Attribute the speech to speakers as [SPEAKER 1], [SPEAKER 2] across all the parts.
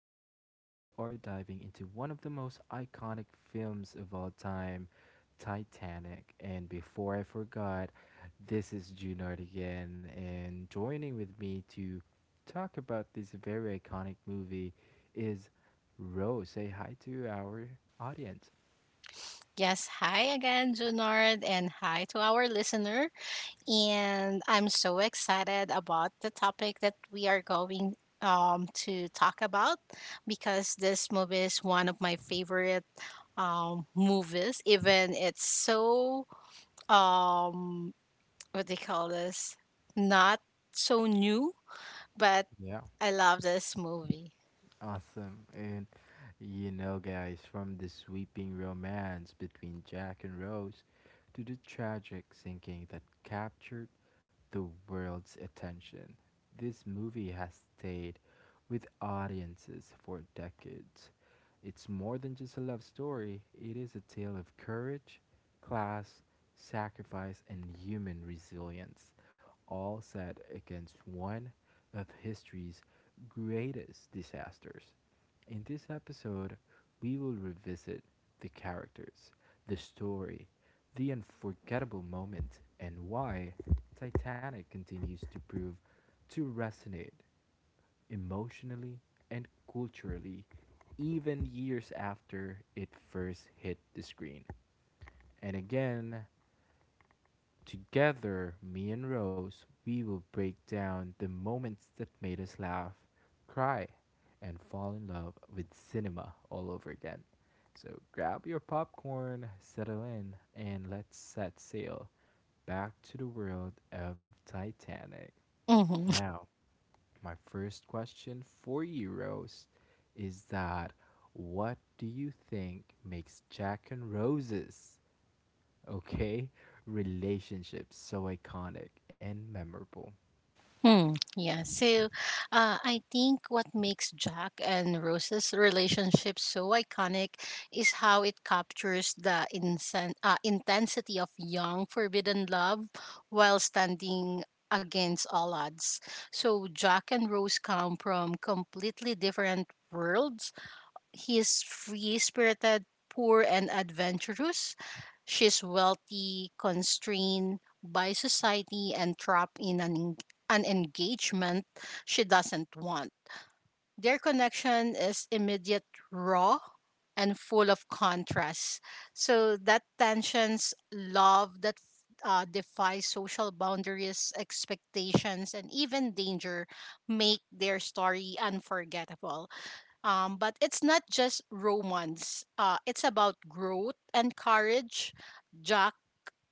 [SPEAKER 1] Today, we are diving into one of the most iconic films of all time, Titanic. And before I forgot, this is Junard again, and joining with me to talk about this very iconic movie is Rose. Say hi to our audience.
[SPEAKER 2] Yes, hi again, Junard, and hi to our listener. And I'm so excited about the topic that we are going to talk about because this movie is one of my favorite movies, even it's so, um, what do you call this, not so new, but
[SPEAKER 1] Yeah.
[SPEAKER 2] I love this movie.
[SPEAKER 1] Awesome. And you know, guys, from the sweeping romance between Jack and Rose to the tragic sinking that captured the world's attention, this movie has stayed with audiences for decades. It's more than just a love story, it is a tale of courage, class, sacrifice, and human resilience, all set against one of history's greatest disasters. In this episode, we will revisit the characters, the story, the unforgettable moment, and why Titanic continues to prove to resonate emotionally and culturally even years after it first hit the screen. And again, together, me and Rose, we will break down the moments that made us laugh, cry, and fall in love with cinema all over again. So grab your popcorn, settle in, and let's set sail back to the world of Titanic.
[SPEAKER 2] Mhm.
[SPEAKER 1] Now, my first question for you, Rose, is that what do you think makes Jack and Roses, okay, relationships so iconic and memorable.
[SPEAKER 2] Hmm. Yeah. So, I think what makes Jack and Rose's relationship so iconic is how it captures the intensity of young forbidden love while standing against all odds. So, Jack and Rose come from completely different worlds. He is free spirited, poor, and adventurous. She's wealthy, constrained by society, and trapped an engagement she doesn't want. Their connection is immediate, raw, and full of contrasts. So that tensions love that defies social boundaries, expectations, and even danger make their story unforgettable. But it's not just romance. It's about growth and courage. Jack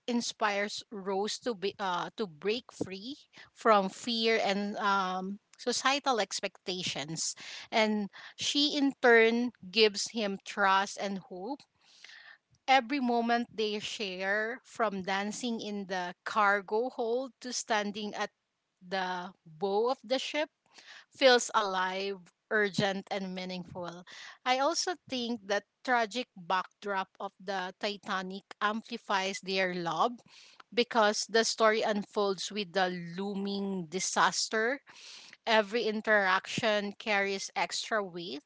[SPEAKER 2] inspires Rose to be to break free from fear and societal expectations, and she in turn gives him trust and hope. Every moment they share, from dancing in the cargo hold to standing at the bow of the ship, feels alive, urgent, and meaningful. I also think the tragic backdrop of the Titanic amplifies their love because the story unfolds with the looming disaster. Every interaction carries extra weight.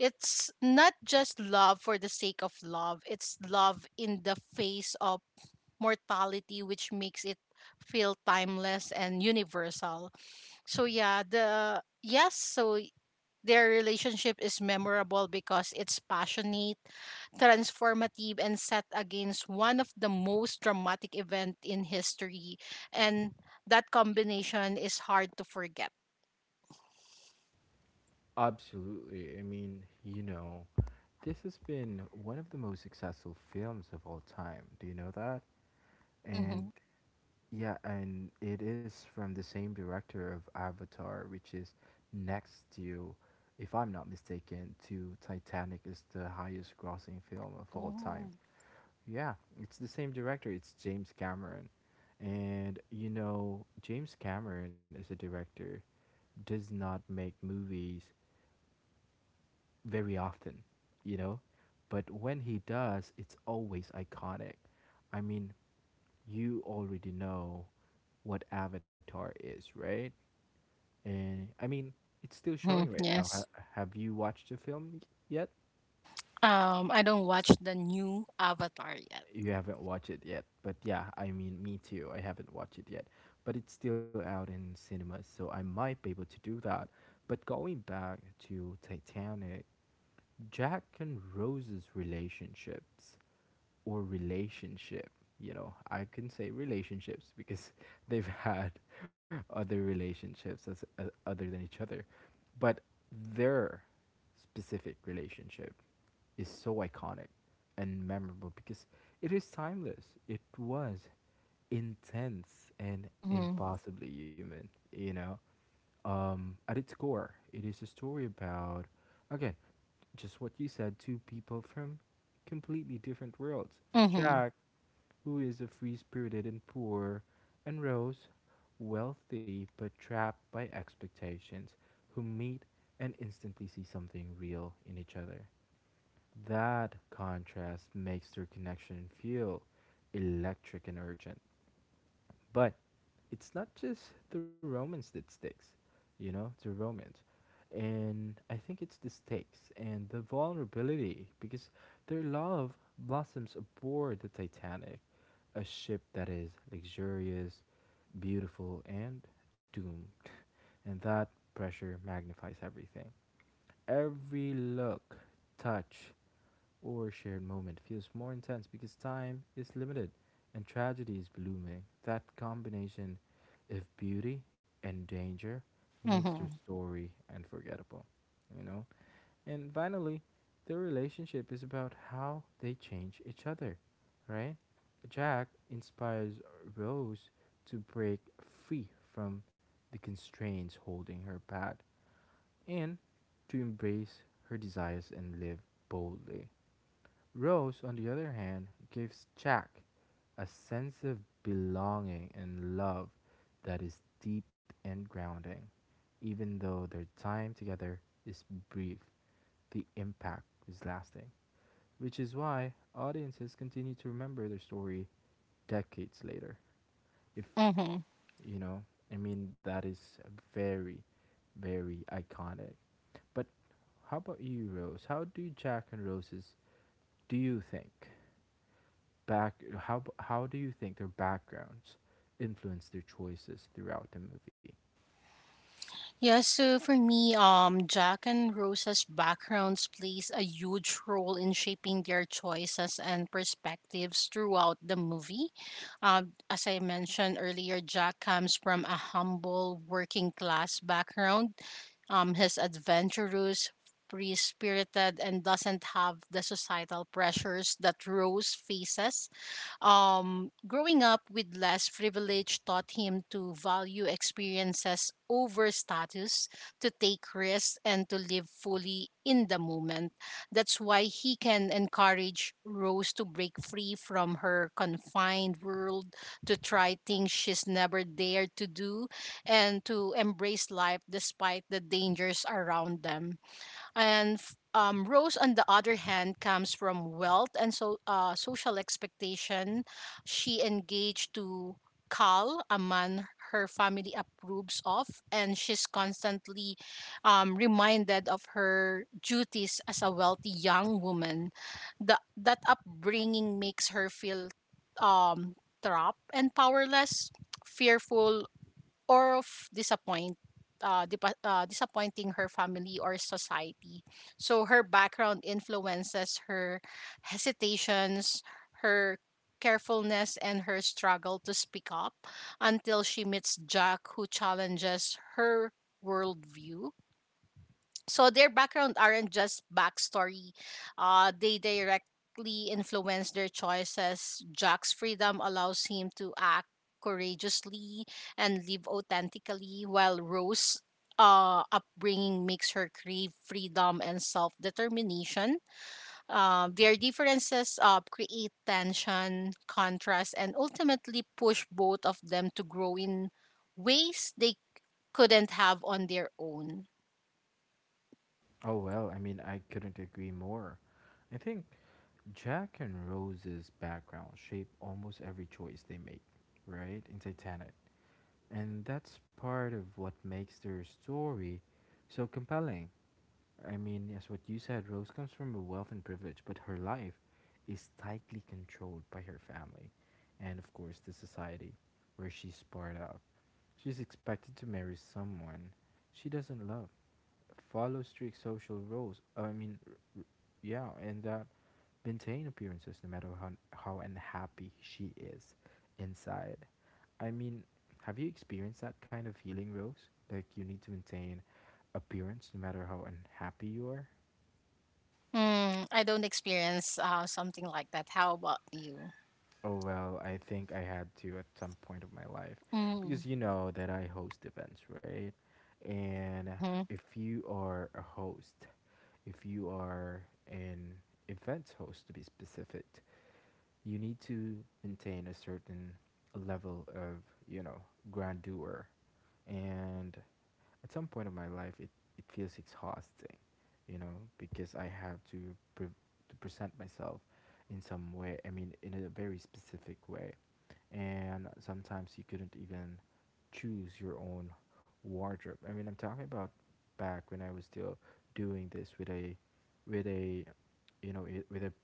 [SPEAKER 2] It's not just love for the sake of love, it's love in the face of mortality, which makes it feel timeless and universal. So so their relationship is memorable because it's passionate, transformative, and set against one of the most dramatic events in history. And that combination is hard to forget.
[SPEAKER 1] Absolutely. I mean, you know, this has been one of the most successful films of all time. Do you know that?
[SPEAKER 2] Mm-hmm.
[SPEAKER 1] And yeah, and it is from the same director of Avatar, which is next to, if I'm not mistaken, to Titanic is the highest grossing film of all
[SPEAKER 2] Oh.
[SPEAKER 1] time. Yeah, it's the same director. It's James Cameron. And you know, James Cameron as a director does not make movies very often, you know? But when he does, it's always iconic. I mean, you already know what Avatar is, right? And I mean, it's still
[SPEAKER 2] Mm-hmm.
[SPEAKER 1] showing right now.
[SPEAKER 2] Yes.
[SPEAKER 1] Have you watched the film yet?
[SPEAKER 2] I don't watch the new Avatar yet.
[SPEAKER 1] You haven't watched it yet, but yeah, I mean, me too. I haven't watched it yet, but it's still out in cinemas, so I might be able to do that. But going back to Titanic, Jack and Rose's relationships or relationship. You know, I can say relationships because they've had other relationships as, other than each other. But their specific relationship is so iconic and memorable because it is timeless. It was intense and
[SPEAKER 2] Mm-hmm.
[SPEAKER 1] impossibly human, you know? At its core, it is a story about, again, just what you said, two people from completely different worlds.
[SPEAKER 2] Mm-hmm.
[SPEAKER 1] Jack, who is a free spirited and poor, and Rose, wealthy but trapped by expectations, who meet and instantly see something real in each other. That contrast makes their connection feel electric and urgent. But it's not just the romance that sticks, you know, the romance. And I think it's the stakes and the vulnerability because their love blossoms aboard the Titanic, a ship that is luxurious, beautiful, and doomed. And that pressure magnifies everything. Every look, touch, or shared moment feels more intense because time is limited and tragedy is blooming. That combination of beauty and danger makes
[SPEAKER 2] Mm-hmm.
[SPEAKER 1] their story unforgettable, you know? And finally, their relationship is about how they change each other, right? Jack inspires Rose to break free from the constraints holding her back and to embrace her desires and live boldly. Rose, on the other hand, gives Jack a sense of belonging and love that is deep and grounding. Even though their time together is brief, the impact is lasting, which is why audiences continue to remember their story decades later. If
[SPEAKER 2] Mm-hmm.
[SPEAKER 1] you know, I mean, that is very, very iconic. But how about you, Rose? How do Jack and Rose's do you think back how do you think their backgrounds influence their choices throughout the movie?
[SPEAKER 2] Yeah, so for me, Jack and Rosa's backgrounds plays a huge role in shaping their choices and perspectives throughout the movie. As I mentioned earlier, Jack comes from a humble working class background. He's adventurous, free spirited, and doesn't have the societal pressures that Rose faces. Growing up with less privilege taught him to value experiences over status, to take risks, and to live fully in the moment. That's why he can encourage Rose to break free from her confined world, to try things she's never dared to do, and to embrace life despite the dangers around them. Rose, on the other hand, comes from wealth and so social expectation. She engaged to Carl, a man her family approves of, and she's constantly reminded of her duties as a wealthy young woman. That upbringing makes her feel um, trapped and powerless, fearful or of disappointing her family or society. So her background influences her hesitations, her carefulness, and her struggle to speak up until she meets Jack, who challenges her worldview. So their background aren't just backstory. They directly influence their choices. Jack's freedom allows him to act courageously and live authentically, while rose upbringing makes her crave freedom and self-determination. Their differences create tension contrast and ultimately push both of them to grow in ways they couldn't have on their own.
[SPEAKER 1] Oh well, I mean I couldn't agree more. I think Jack and Rose's background shape almost every choice they make, right? In Titanic. And that's part of what makes their story so compelling. I mean, as what you said, Rose comes from a wealth and privilege, but her life is tightly controlled by her family and of course the society where she's part of. She's expected to marry someone she doesn't love, follow strict social rules. I mean, yeah, and maintain appearances no matter how unhappy she is inside. I mean, have you experienced that kind of feeling, Rose? Like you need to maintain appearance no matter how unhappy you are.
[SPEAKER 2] Mm, I don't experience something like that. How about you?
[SPEAKER 1] Oh, well, I think I had to at some point of my life
[SPEAKER 2] Mm,
[SPEAKER 1] because you know that I host events, right? And
[SPEAKER 2] mm-hmm,
[SPEAKER 1] if you are a host, if you are an event host to be specific, you need to maintain a certain level of, you know, grandeur. And at some point of my life, it feels exhausting, you know, because I have to, to present myself in some way, I mean, in a very specific way and sometimes you couldn't even choose your own wardrobe. I mean, I'm talking about back when I was still doing this with a with a with a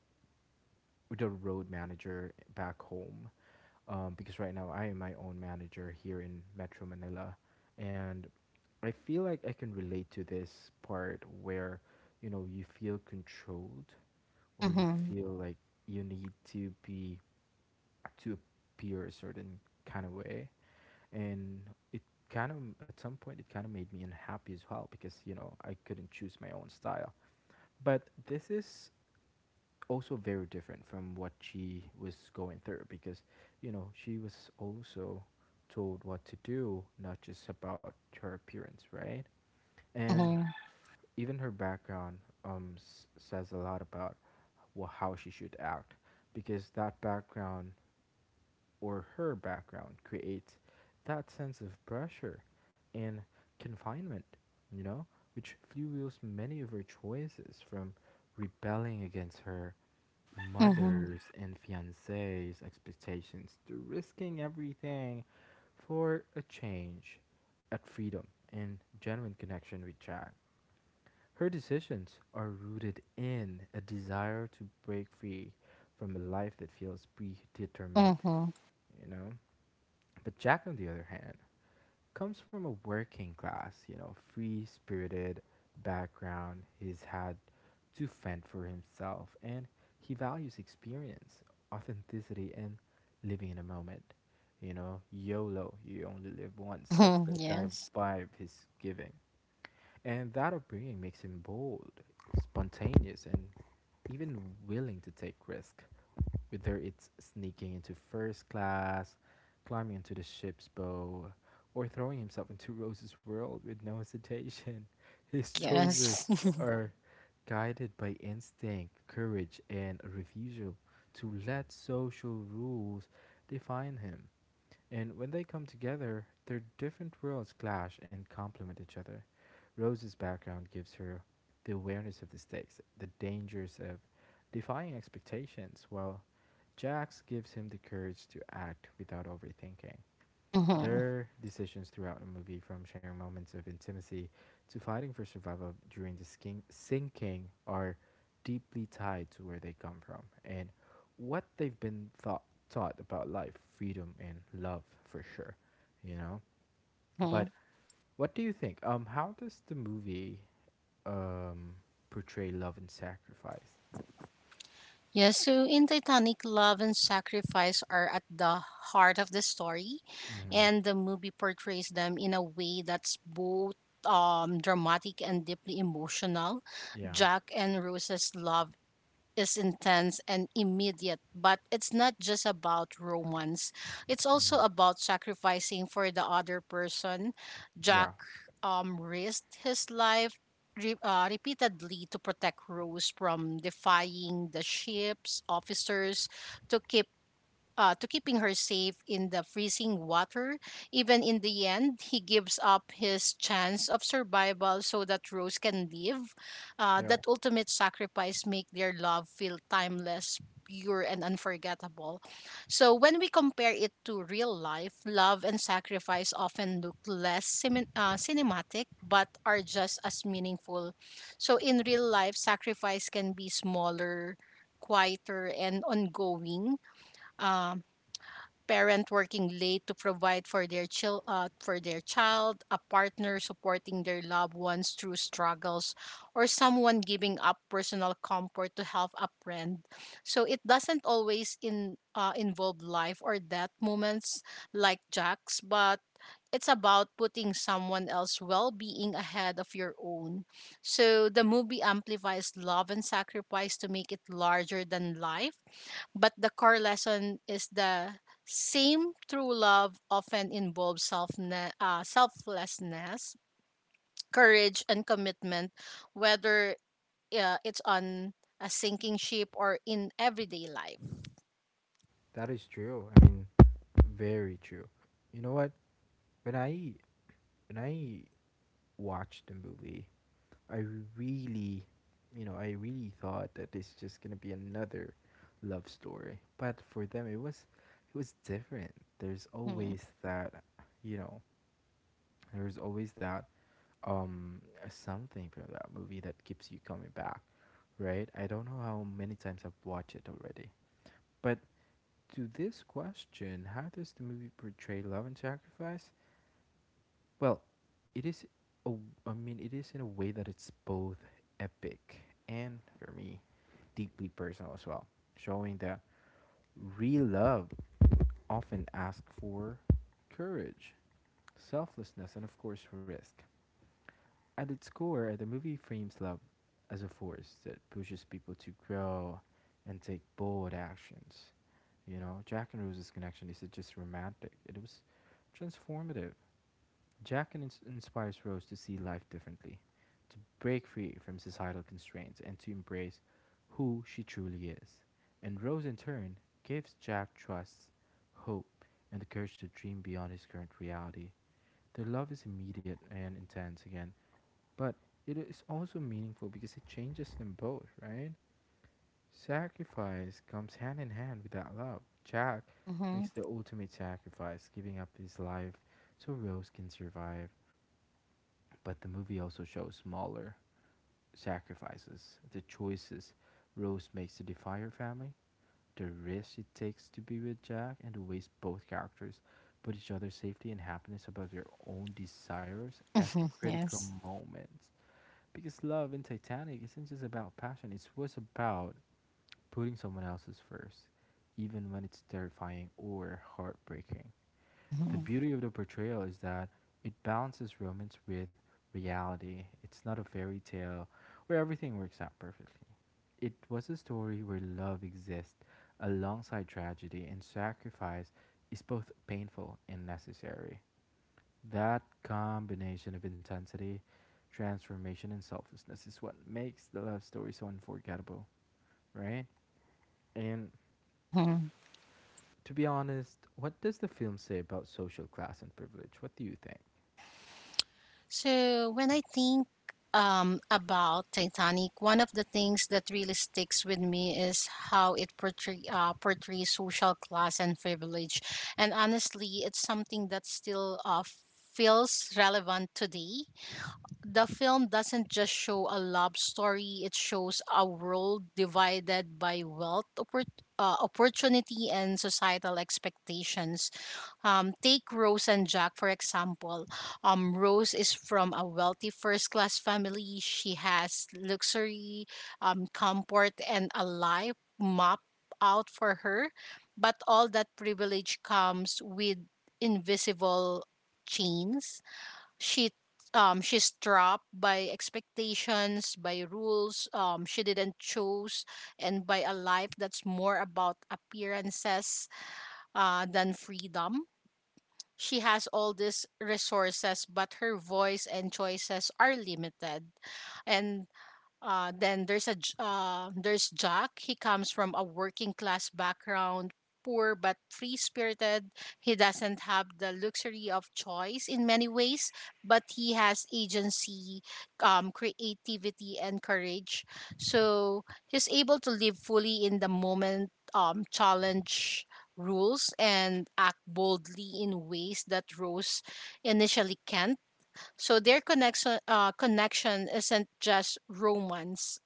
[SPEAKER 1] with a road manager back home because right now I am my own manager here in Metro Manila, and I feel like I can relate to this part where you know you feel controlled or you
[SPEAKER 2] mm-hmm,
[SPEAKER 1] feel like you need to be to appear a certain kind of way and it kind of at some point it kind of made me unhappy as well because you know I couldn't choose my own style. But this is also very different from what she was going through because you know she was also told what to do, not just about her appearance, right? And
[SPEAKER 2] mm-hmm,
[SPEAKER 1] even her background says a lot about wha how she should act because that background or her background creates that sense of pressure and confinement, you know, which fuels many of her choices from rebelling against her
[SPEAKER 2] mm-hmm,
[SPEAKER 1] mother's and fiance's expectations to risking everything for a change at freedom and genuine connection with Jack. Her decisions are rooted in a desire to break free from a life that feels predetermined,
[SPEAKER 2] mm-hmm,
[SPEAKER 1] you know? But Jack, on the other hand, comes from a working class, you know, free spirited background. He's had to fend for himself and he values experience, authenticity, and living in a moment. You know, YOLO, you only live once. That's
[SPEAKER 2] mm-hmm,
[SPEAKER 1] the kind of
[SPEAKER 2] yes,
[SPEAKER 1] vibe he's giving. And that upbringing makes him bold, spontaneous, and even willing to take risk whether it's sneaking into first class, climbing into the ship's bow, or throwing himself into Rose's world with no hesitation. His
[SPEAKER 2] yes,
[SPEAKER 1] choices are guided by instinct, courage, and a refusal to let social rules define him. And when they come together, their different worlds clash and complement each other. Rose's background gives her the awareness of the stakes, the dangers of defying expectations, while Jack's gives him the courage to act without overthinking.
[SPEAKER 2] mm-hmm,
[SPEAKER 1] Their decisions throughout the movie, from sharing moments of intimacy to fighting for survival during the sinking, are deeply tied to where they come from and what they've been taught about life, freedom, and love, for sure. You know.
[SPEAKER 2] mm-hmm.
[SPEAKER 1] But what do you think? How does the movie um portray love and sacrifice?
[SPEAKER 2] Yes, so in Titanic, love and sacrifice are at the heart of the story,
[SPEAKER 1] Mm-hmm.
[SPEAKER 2] and the movie portrays them in a way that's both dramatic and deeply emotional.
[SPEAKER 1] Yeah.
[SPEAKER 2] Jack and Rose's love is intense and immediate, but it's not just about romance. It's also
[SPEAKER 1] Mm-hmm.
[SPEAKER 2] about sacrificing for the other person.
[SPEAKER 1] Yeah.
[SPEAKER 2] Jack risked his life repeatedly to protect Rose, from defying the ship's officers to keeping her safe in the freezing water. Even in the end, he gives up his chance of survival so that Rose can live.
[SPEAKER 1] Yeah.
[SPEAKER 2] That ultimate sacrifice make their love feel timeless, pure, and unforgettable. So when we compare it to real life, love and sacrifice often look less cinematic, but are just as meaningful. So in real life, sacrifice can be smaller, quieter, and ongoing. Um, parent working late to provide for their child, a partner supporting their loved ones through struggles, or someone giving up personal comfort to help a friend. So it doesn't always in involve life or death moments like Jack's, but it's about putting someone else's well-being ahead of your own. So the movie amplifies love and sacrifice to make it larger than life, but the core lesson is the same: true love often involves selflessness, courage, and commitment, whether it's on a sinking ship or in everyday life.
[SPEAKER 1] That is true. I mean, very true. You know what? When I when I Watch the movie, I really, you know, I really thought that it's just gonna be another love story. But for them, it was different. There's
[SPEAKER 2] Mm-hmm.
[SPEAKER 1] always that, you know, there's always that um something from that movie that keeps you coming back, right? I don't know how many times I've watched it already, but to this question, how does the movie portray love and sacrifice? Well, it is. I mean, it is in a way that it's both epic and, for me, deeply personal as well, showing that real love often asks for courage, selflessness, and of course, risk. At its core, the movie frames love as a force that pushes people to grow and take bold actions. You know, Jack and Rose's connection isn't just romantic; it was transformative. Jack inspires Rose to see life differently, to break free from societal constraints, and to embrace who she truly is. And Rose, in turn, gives Jack trust, hope, and the courage to dream beyond his current reality. Their love is immediate and intense again, but it is also meaningful because it changes them both, right? Sacrifice comes hand in hand with that love. Jack
[SPEAKER 2] Mm-hmm.
[SPEAKER 1] makes the ultimate sacrifice, giving up his life so Rose can survive. But the movie also shows smaller sacrifices, the choices Rose makes to defy her family, the risk it takes to be with Jack, and the ways both characters put each other's safety and happiness above their own desires at
[SPEAKER 2] Mm-hmm.
[SPEAKER 1] critical
[SPEAKER 2] Yes.
[SPEAKER 1] moments. Because love in Titanic isn't just about passion, it was about putting someone else's first, even when it's terrifying or heartbreaking. The
[SPEAKER 2] Mm-hmm.
[SPEAKER 1] beauty of the portrayal is that it balances romance with reality. It's not a fairy tale where everything works out perfectly. It was a story where love exists alongside tragedy and sacrifice is both painful and necessary. That combination of intensity, transformation, and selflessness is what makes the love story so unforgettable, right? And
[SPEAKER 2] Mm-hmm.
[SPEAKER 1] to be honest, what does the film say about social class and privilege? What do you think?
[SPEAKER 2] So when I think about Titanic, one of the things that really sticks with me is how it portrays social class and privilege. And honestly, it's something that still feels relevant today. The film doesn't just show a love story, it shows a world divided by wealth, opportunity, and societal expectations. Take Rose and Jack, for example. Rose is from a wealthy first class family. She has luxury, comfort, and a life mapped out for her. But all that privilege comes with invisible chains. She she's trapped by expectations, by rules she didn't choose, and by a life that's more about appearances than freedom. She has all these resources, but her voice and choices are limited. And then there's a J- there's Jack. He comes from a working class background, poor but free spirited. He doesn't have the luxury of choice in many ways, but he has agency, creativity, and courage. So he's able to live fully in the moment, challenge rules, and act boldly in ways that Rose initially can't. So their connection isn't just romance.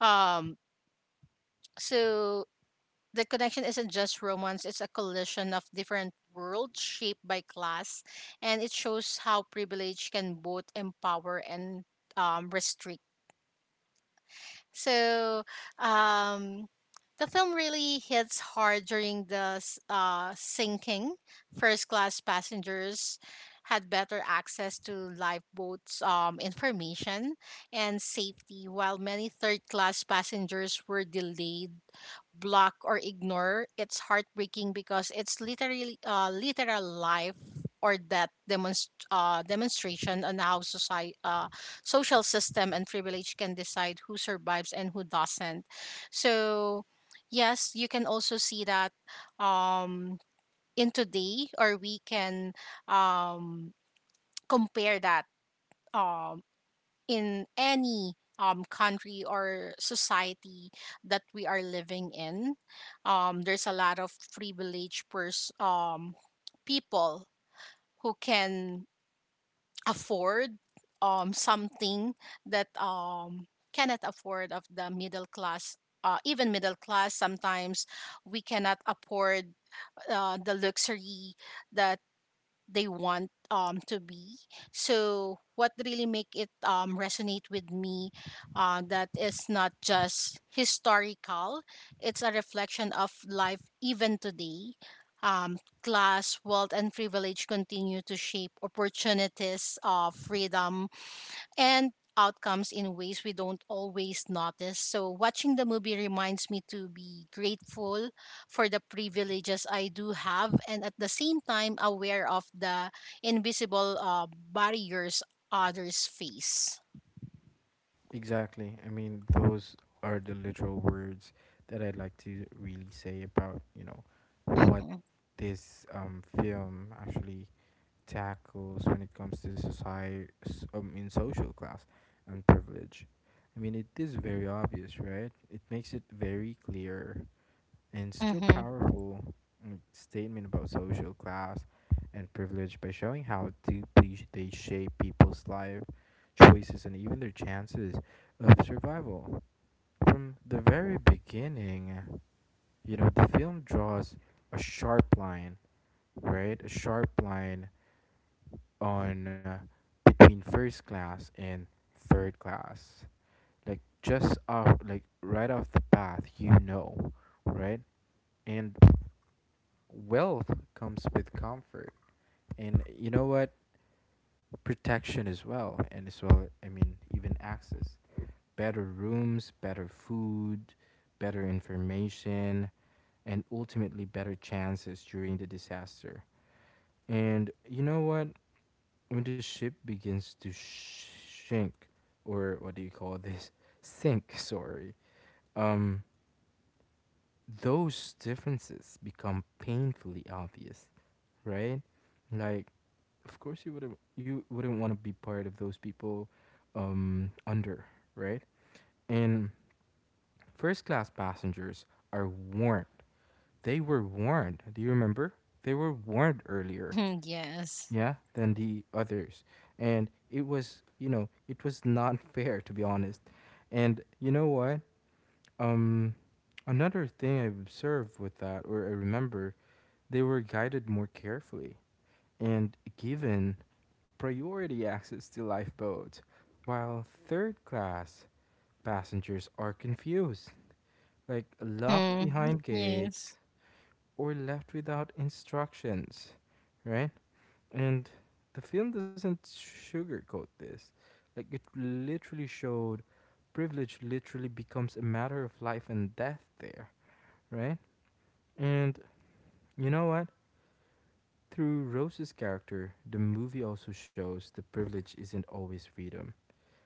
[SPEAKER 2] Um, so the connection isn't just romance. It's a collision of different worlds shaped by class, and it shows how privilege can both empower and restrict. So um, the film really hits hard during the sinking. First class passengers had better access to lifeboats, information and safety, while many third class passengers were delayed, block or ignore. It's heartbreaking because it's literal life or death demonstration on how society social system and privilege can decide who survives and who doesn't. So yes, you can also see that um in today, or we can um compare that um in any country or society that we are living in. There's a lot of privileged people who can afford something that cannot afford of the middle class. Even middle class, sometimes we cannot afford the luxury that they want to be. So what really make it resonate with me, that is not just historical, it's a reflection of life even today. um, Class, wealth and privilege continue to shape opportunities of freedom and outcomes in ways we don't always notice. So, watching the movie reminds me to be grateful for the privileges I do have and at the same time aware of the invisible barriers others face.
[SPEAKER 1] Exactly. I mean, those are the literal words that I'd like to really say about, you know, what
[SPEAKER 2] Mm-hmm.
[SPEAKER 1] this film actually tackles when it comes to society, in social class and privilege. I mean, it is very obvious, right? It makes it very clear and still
[SPEAKER 2] Mm-hmm.
[SPEAKER 1] powerful statement about social class and privilege by showing how deeply they shape people's life choices and even their chances of survival. From the very beginning, you know, the film draws a sharp line, right? A sharp line on between first class and third class. Like just off like right off the path, you know, right? And wealth comes with comfort and you know what? Protection as well. And as well, I mean, even access. Better rooms, better food, better information, and ultimately better chances during the disaster. And you know what? When the ship begins to shrink, or what do you call this? Sink, sorry. Um, those differences become painfully obvious, right? Like, of course, you wouldn't. You wouldn't want to be part of those people, under, right? And first class passengers are warned. They were warned. Do you remember? They were warned earlier,
[SPEAKER 2] Mm-hmm. Yes.
[SPEAKER 1] yeah, than the others. And it was, you know, it was not fair to be honest. And you know what? Um, Another thing I observed with that, or I remember, they were guided more carefully and given priority access to lifeboats, while third class passengers are confused, like locked
[SPEAKER 2] Mm-hmm.
[SPEAKER 1] behind gates
[SPEAKER 2] Yes.
[SPEAKER 1] or left without instructions, right? And the film doesn't sugarcoat this. Like, it literally showed privilege literally becomes a matter of life and death there, right? And you know what? Through Rose's character, the movie also shows that privilege isn't always freedom.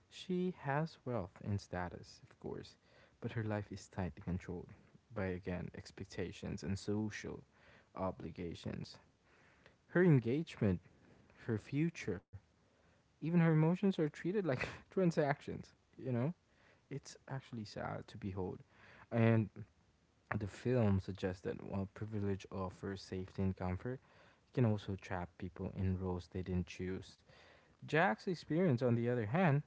[SPEAKER 1] She has wealth and status, of course, but her life is tightly controlled by, again, expectations and social obligations. Her engagement, her future, even her emotions are treated like transactions, you know? It's actually sad to behold. And the film suggests that while privilege offers safety and comfort, it can also trap people in roles they didn't choose. Jack's experience, on the other hand,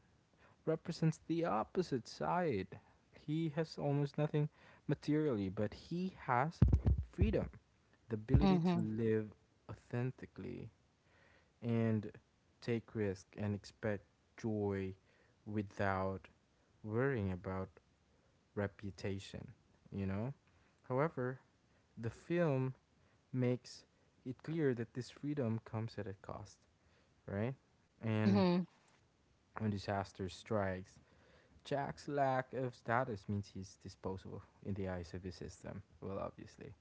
[SPEAKER 1] represents the opposite side. He has almost nothing materially, but he has freedom, the ability to
[SPEAKER 2] Mm-hmm.
[SPEAKER 1] live authentically and take risk and expect joy without worrying about reputation, you know? However, the film makes it clear that this freedom comes at a cost, right? And
[SPEAKER 2] Mm-hmm.
[SPEAKER 1] when disaster strikes, Jack's lack of status means he's disposable in the eyes of his system. Well, obviously.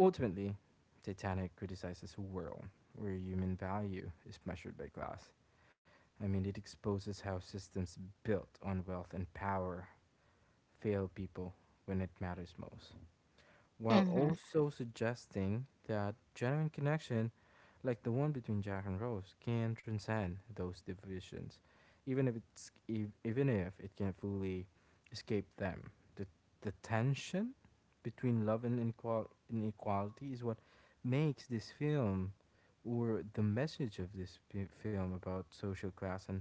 [SPEAKER 1] Ultimately, Titanic criticizes a world where human value is measured by class. I mean, it exposes how systems built on wealth and power fail people when it matters most, while
[SPEAKER 2] Mm-hmm.
[SPEAKER 1] also suggesting that genuine connection, like the one between Jack and Rose, can transcend those divisions, even if it's even if it can fully escape them. The the tension between love and inequality is what makes this film, or the message of this film about social class and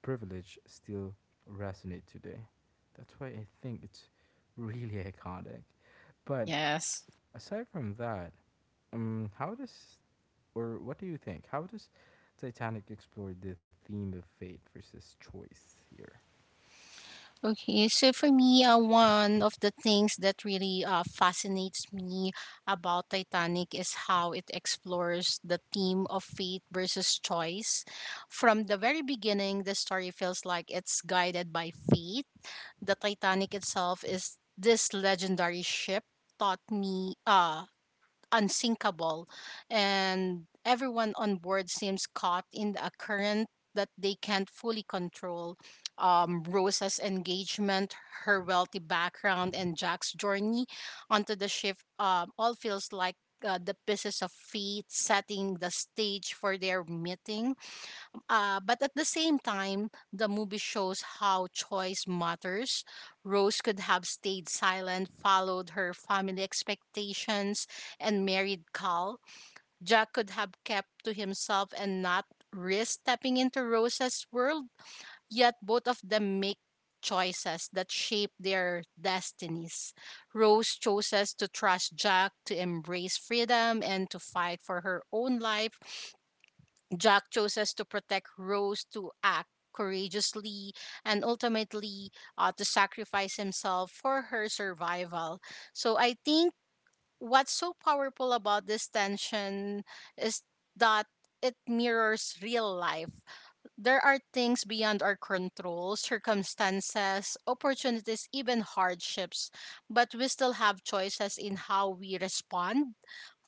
[SPEAKER 1] privilege, still resonate today. That's why I think it's really iconic. But
[SPEAKER 2] Yes.
[SPEAKER 1] aside from that, how does or what do you think? How does Titanic explore the theme of fate versus choice here?
[SPEAKER 2] Okay, so for me, one of the things that really fascinates me about Titanic is how it explores the theme of fate versus choice. From the very beginning, the story feels like it's guided by fate. The Titanic itself is this legendary ship taught me unsinkable, and everyone on board seems caught in a current that they can't fully control. Rosa's engagement, her wealthy background, and Jack's journey onto the ship all feels like the pieces of fate setting the stage for their meeting. Uh, but at the same time, the movie shows how choice matters. Rose could have stayed silent, followed her family expectations, and married Cal. Jack could have kept to himself and not risk stepping into Rose's world, yet both of them make choices that shape their destinies. Rose chooses to trust Jack, to embrace freedom, and to fight for her own life. Jack chooses to protect Rose, to act courageously, and ultimately to sacrifice himself for her survival. So I think what's so powerful about this tension is that it mirrors real life. There are things beyond our control, circumstances, opportunities, even hardships, but we still have choices in how we respond.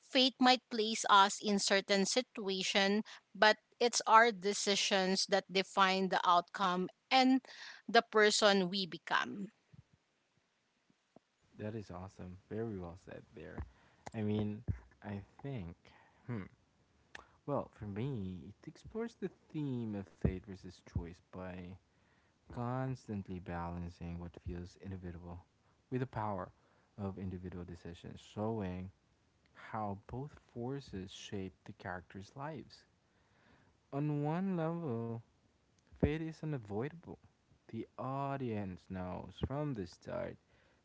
[SPEAKER 2] Fate might place us in certain situation, but it's our decisions that define the outcome and the person we become.
[SPEAKER 1] That is awesome. Very well said there. I mean, I think. Hmm. Well, for me, it explores the theme of fate versus choice by constantly balancing what feels inevitable with the power of individual decisions, showing how both forces shape the characters' lives. On one level, fate is unavoidable. The audience knows from the start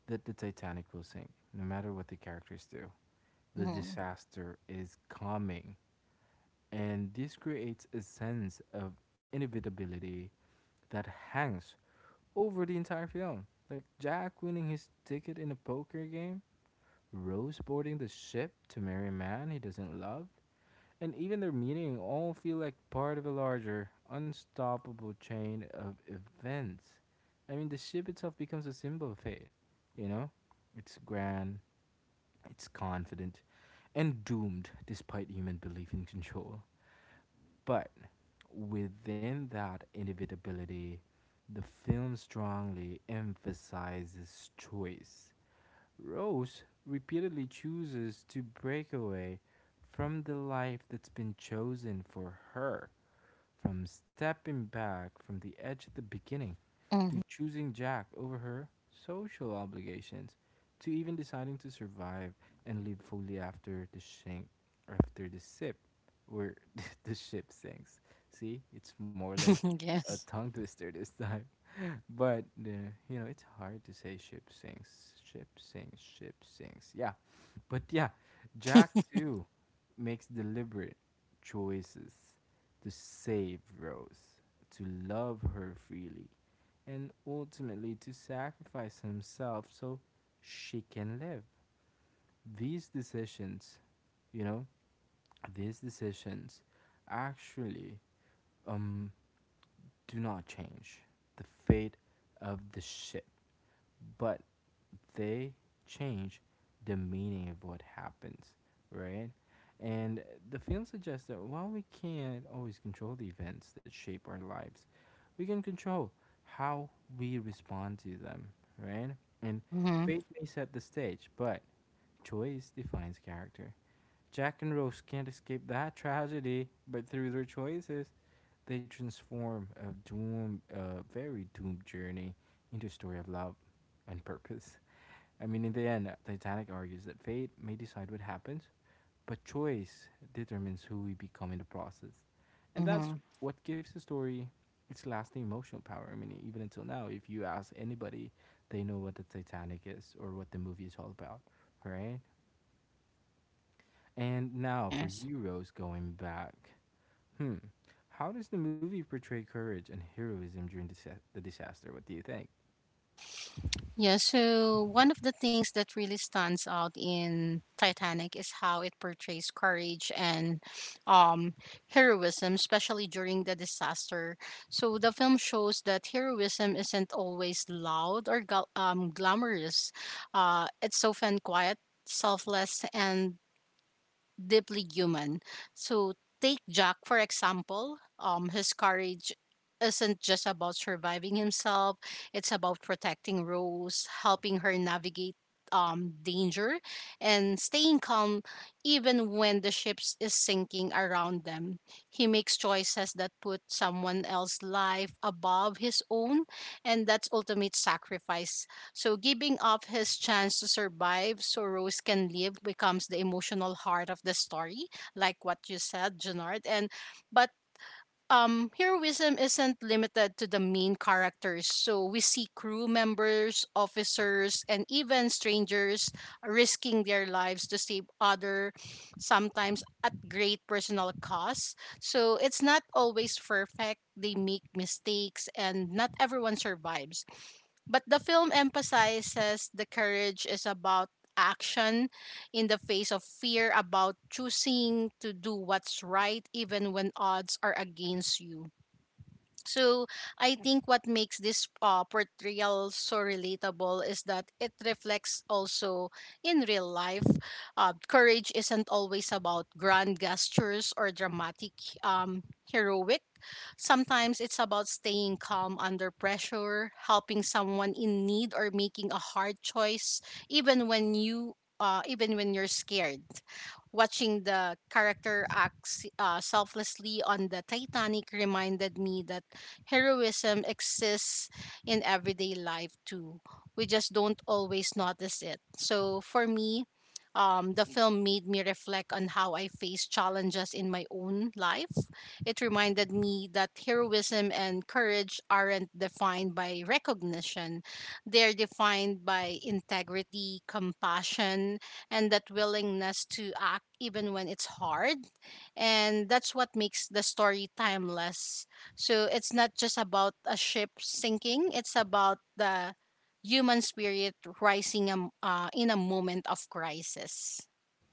[SPEAKER 1] that the Titanic will sink, no matter what the characters do. The
[SPEAKER 2] Mm-hmm.
[SPEAKER 1] disaster is coming, and this creates a sense of inevitability that hangs over the entire film. Like Jack winning his ticket in a poker game, Rose boarding the ship to marry a man he doesn't love, and even their meaning all feel like part of a larger, unstoppable chain of events. I mean, the ship itself becomes a symbol of fate, you know? It's grand, it's confident, and doomed despite human belief in control. But within that inevitability, the film strongly emphasizes choice. Rose repeatedly chooses to break away from the life that's been chosen for her, from stepping back from the edge at the beginning, to choosing Jack over her social obligations, to even deciding to survive and live fully after the sink, after the sip, where the ship sinks. See, it's more like
[SPEAKER 2] Mm-hmm.
[SPEAKER 1] a
[SPEAKER 2] yes.
[SPEAKER 1] tongue twister this time. But you know, it's hard to say ship sinks, ship sinks, ship sinks. Yeah, but yeah, Jack too makes deliberate choices to save Rose, to love her freely, and ultimately to sacrifice himself so she can live. These decisions, you know, these decisions actually um do not change the fate of the ship, but they change the meaning of what happens, right? And the film suggests that while we can't always control the events that shape our lives, we can control how we respond to them, right? And
[SPEAKER 2] Mm-hmm.
[SPEAKER 1] fate may set the stage, but choice defines character. Jack and Rose can't escape that tragedy, but through their choices, they transform a doom, a very doomed journey into a story of love and purpose. I mean, in the end, Titanic argues that fate may decide what happens, but choice determines who we become in the process. And that's
[SPEAKER 2] Mm-hmm.
[SPEAKER 1] what gives the story its lasting emotional power. I mean, even until now, if you ask anybody, they know what the Titanic is or what the movie is all about, right? And now for
[SPEAKER 2] Yes.
[SPEAKER 1] you, Rose, going back, hmm, how does the movie portray courage and heroism during the disaster? What do you think?
[SPEAKER 2] Yeah, so one of the things that really stands out in Titanic is how it portrays courage and um, heroism, especially during the disaster. So the film shows that heroism isn't always loud or glamorous, it's often quiet. Selfless and deeply human. So take Jack for example. His courage isn't just about surviving himself; it's about protecting Rose, helping her navigate danger, and staying calm even when the ship is sinking around them. He makes choices that put someone else's life above his own, and that's ultimate sacrifice, so giving up his chance to survive so Rose can live becomes the emotional heart of the story, like what you said, Janard. And but Heroism isn't limited to the main characters. So we see crew members, officers, and even strangers risking their lives to save other, sometimes at great personal cost. So it's not always perfect. They make mistakes, and not everyone survives, but the film emphasizes the courage is about action in the face of fear, about choosing to do what's right even when odds are against you. So, I think what makes this portrayal so relatable is that it reflects also in real life. Courage isn't always about grand gestures or dramatic um, heroic. Sometimes it's about staying calm under pressure, helping someone in need, or making a hard choice, even when you even when you're scared. Watching the character act selflessly on the Titanic reminded me that heroism exists in everyday life too. We just don't always notice it. So for me, the film made me reflect on how I face challenges in my own life. It reminded me that heroism and courage aren't defined by recognition, they're defined by integrity, compassion, and that willingness to act even when it's hard. And that's what makes the story timeless. So it's not just about a ship sinking, it's about the human spirit rising in a moment of crisis.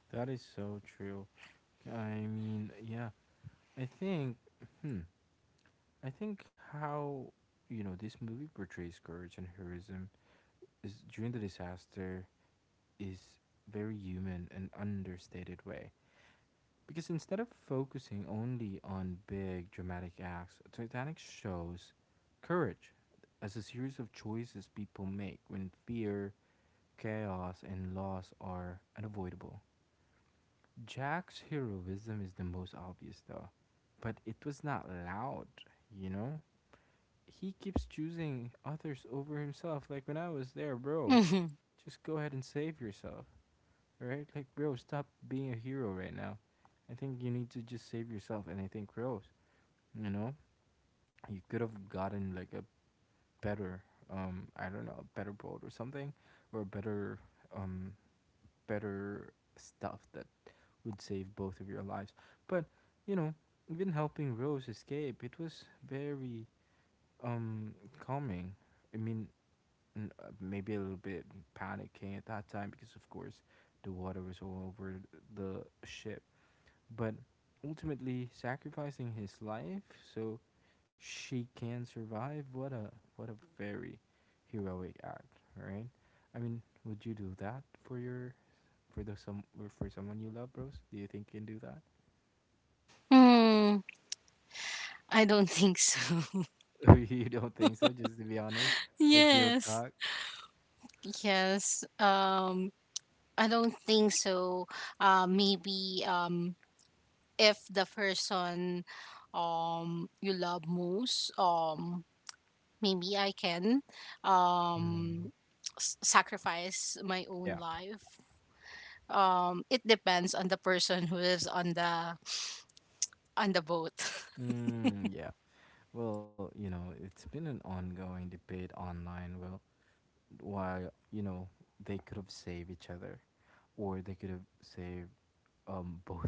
[SPEAKER 1] That is so true. I mean, yeah, I think, hmm, I think how you know this movie portrays courage and heroism is during the disaster is very human and understated way. Because instead of focusing only on big dramatic acts, Titanic shows courage as a series of choices people make when fear, chaos, and loss are unavoidable. Jack's heroism is the most obvious though, but it was not loud, you know? He keeps choosing others over himself. Like when I was there, bro,
[SPEAKER 2] Hmm.
[SPEAKER 1] just go ahead and save yourself, right? Like, bro, stop being a hero right now. I think you need to just save yourself, and I think Rose, you know, you could have gotten like a better, I don't know, a better boat or something, or a better, um, better stuff that would save both of your lives. But you know, even helping Rose escape, it was very um calming. I mean, maybe a little bit panicking at that time because of course the water was all over the ship, but ultimately sacrificing his life so she can survive. What a what a very heroic act, right? I mean, would you do that for your for the some or for someone you love, bros? Do you think you can do
[SPEAKER 2] I don't think so.
[SPEAKER 1] that? You don't think so, just to be honest, like real
[SPEAKER 2] Yes.
[SPEAKER 1] talk.
[SPEAKER 2] Yes. I don't think so. Maybe if the person you love most, maybe I can
[SPEAKER 1] Mm.
[SPEAKER 2] um sacrifice my
[SPEAKER 1] Yeah.
[SPEAKER 2] own life. It depends on the person who is on the boat.
[SPEAKER 1] Mm, yeah. Well, you know, it's been an ongoing debate online. Well, why, you know, they could have saved each other or they could have saved, um, both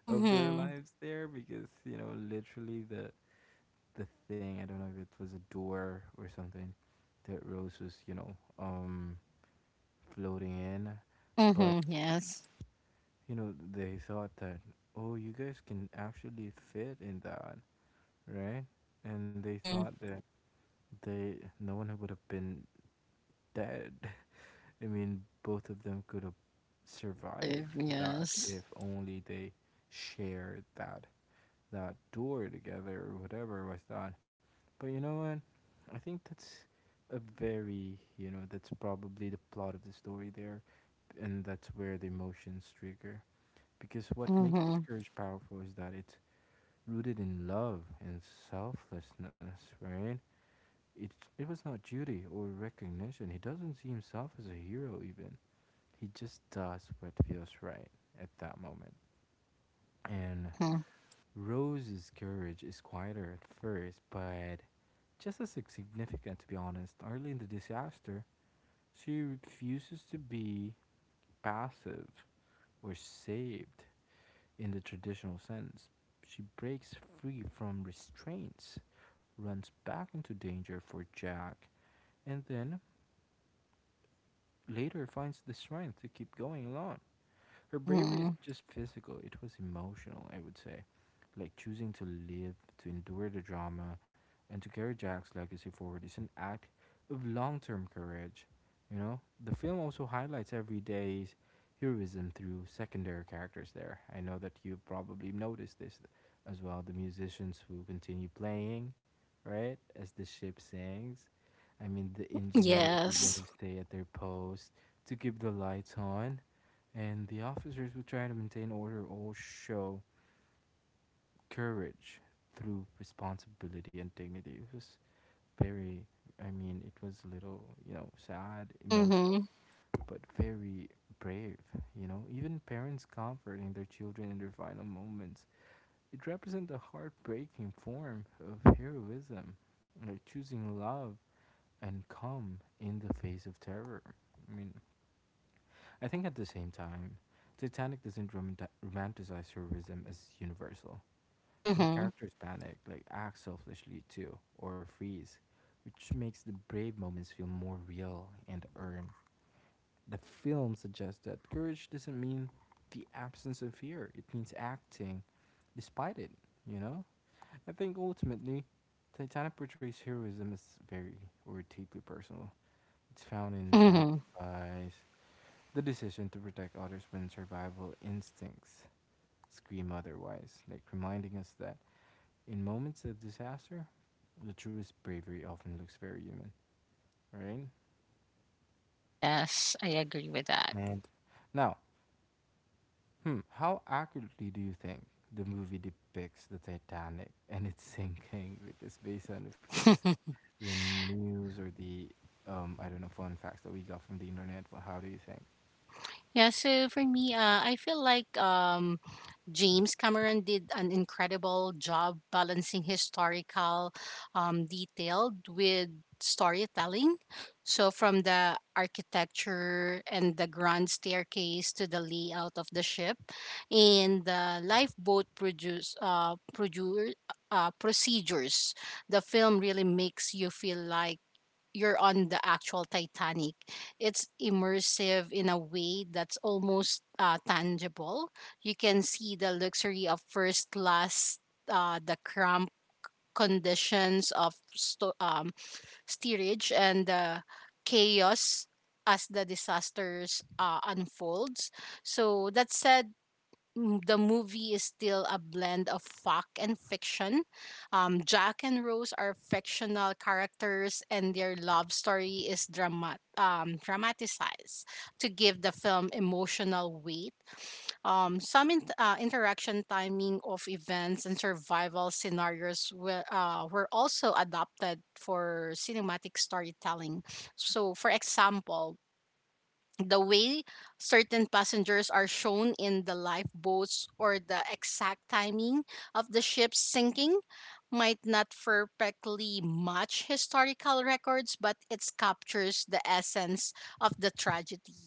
[SPEAKER 1] of their lives there because, you know, literally the thing, I don't know if it was a door or something that Rose was, you know, floating in, but
[SPEAKER 2] Mm-hmm. Yes.
[SPEAKER 1] you know, they thought that oh, you guys can actually fit in that, right? And they thought
[SPEAKER 2] Mm-hmm.
[SPEAKER 1] that they no one would have been that, I mean, both of them could have survived
[SPEAKER 2] Live.
[SPEAKER 1] that if
[SPEAKER 2] Yes.
[SPEAKER 1] only they shared that that door together or whatever was that. But you know what? I think that's a very you know that's probably the plot of the story there, and that's where the emotions trigger. Because what makes this
[SPEAKER 2] Mm-hmm.
[SPEAKER 1] courage powerful is that it's rooted in love and selflessness, right? It, it was not duty or recognition. He doesn't see himself as a hero, even. He just does what feels right at that moment. And
[SPEAKER 2] Mm-hmm.
[SPEAKER 1] Rose's courage is quieter at first, but just as significant, to be honest. Early in the disaster, she refuses to be passive or saved in the traditional sense. She breaks free from restraints, runs back into danger for Jack, and then later finds the strength to keep going alone. Her bravery
[SPEAKER 2] Mm-hmm.
[SPEAKER 1] isn't just physical, it was emotional, I would say. Like choosing to live, to endure the drama, and to carry Jack's legacy forward is an act of long term courage. You know, the film also highlights everyday's heroism through secondary characters there. I know that you've probably noticed this as well, the musicians who continue playing, right, as the ship sings. I mean, the engineers even
[SPEAKER 2] Yes.
[SPEAKER 1] would stay at their post to keep the lights on, and the officers would try to maintain order or show courage through responsibility and dignity. It was very, I mean, it was a little, sad,
[SPEAKER 2] Mm-hmm.
[SPEAKER 1] emotional, but very brave, Even parents comforting their children in their final moments. It represents a heartbreaking form of heroism, like choosing love and calm in the face of terror. I mean, I think at the same time, Titanic doesn't romanticize heroism as universal. Some
[SPEAKER 2] Mm-hmm.
[SPEAKER 1] characters panic, like act selfishly too, or freeze, which makes the brave moments feel more real and earned. The film suggests that courage doesn't mean the absence of fear, it means acting despite it, you know? I think ultimately, Titanic portrays heroism as very or deeply personal. It's found in
[SPEAKER 2] Hmm.
[SPEAKER 1] sacrifice, the decision to protect others when survival instincts scream otherwise, like reminding us that in moments of disaster, the truest bravery often looks very human, right?
[SPEAKER 2] Yes, I agree with that.
[SPEAKER 1] And now, how accurately do you think the movie depicts the Titanic and its sinking? Because based on, of course, the news or the I don't know, fun facts that we got from the internet. But how do you think?
[SPEAKER 2] Yeah, so for me, I feel like James Cameron did an incredible job balancing historical detailed with storytelling. So, from the architecture and the grand staircase to the layout of the ship and the lifeboat procedures, the film really makes you feel like you're on the actual Titanic. It's immersive in a way that's almost tangible. You can see the luxury of first class, the cramped conditions of steerage, and the chaos as the disasters unfolds. So that said, the movie is still a blend of fact and fiction. Jack and Rose are fictional characters, and their love story is dramatized to give the film emotional weight. Some interaction timing of events and survival scenarios were also adopted for cinematic storytelling. So, for example, the way certain passengers are shown in the lifeboats or the exact timing of the ship's sinking might not perfectly match historical records, but it captures the essence of the tragedy.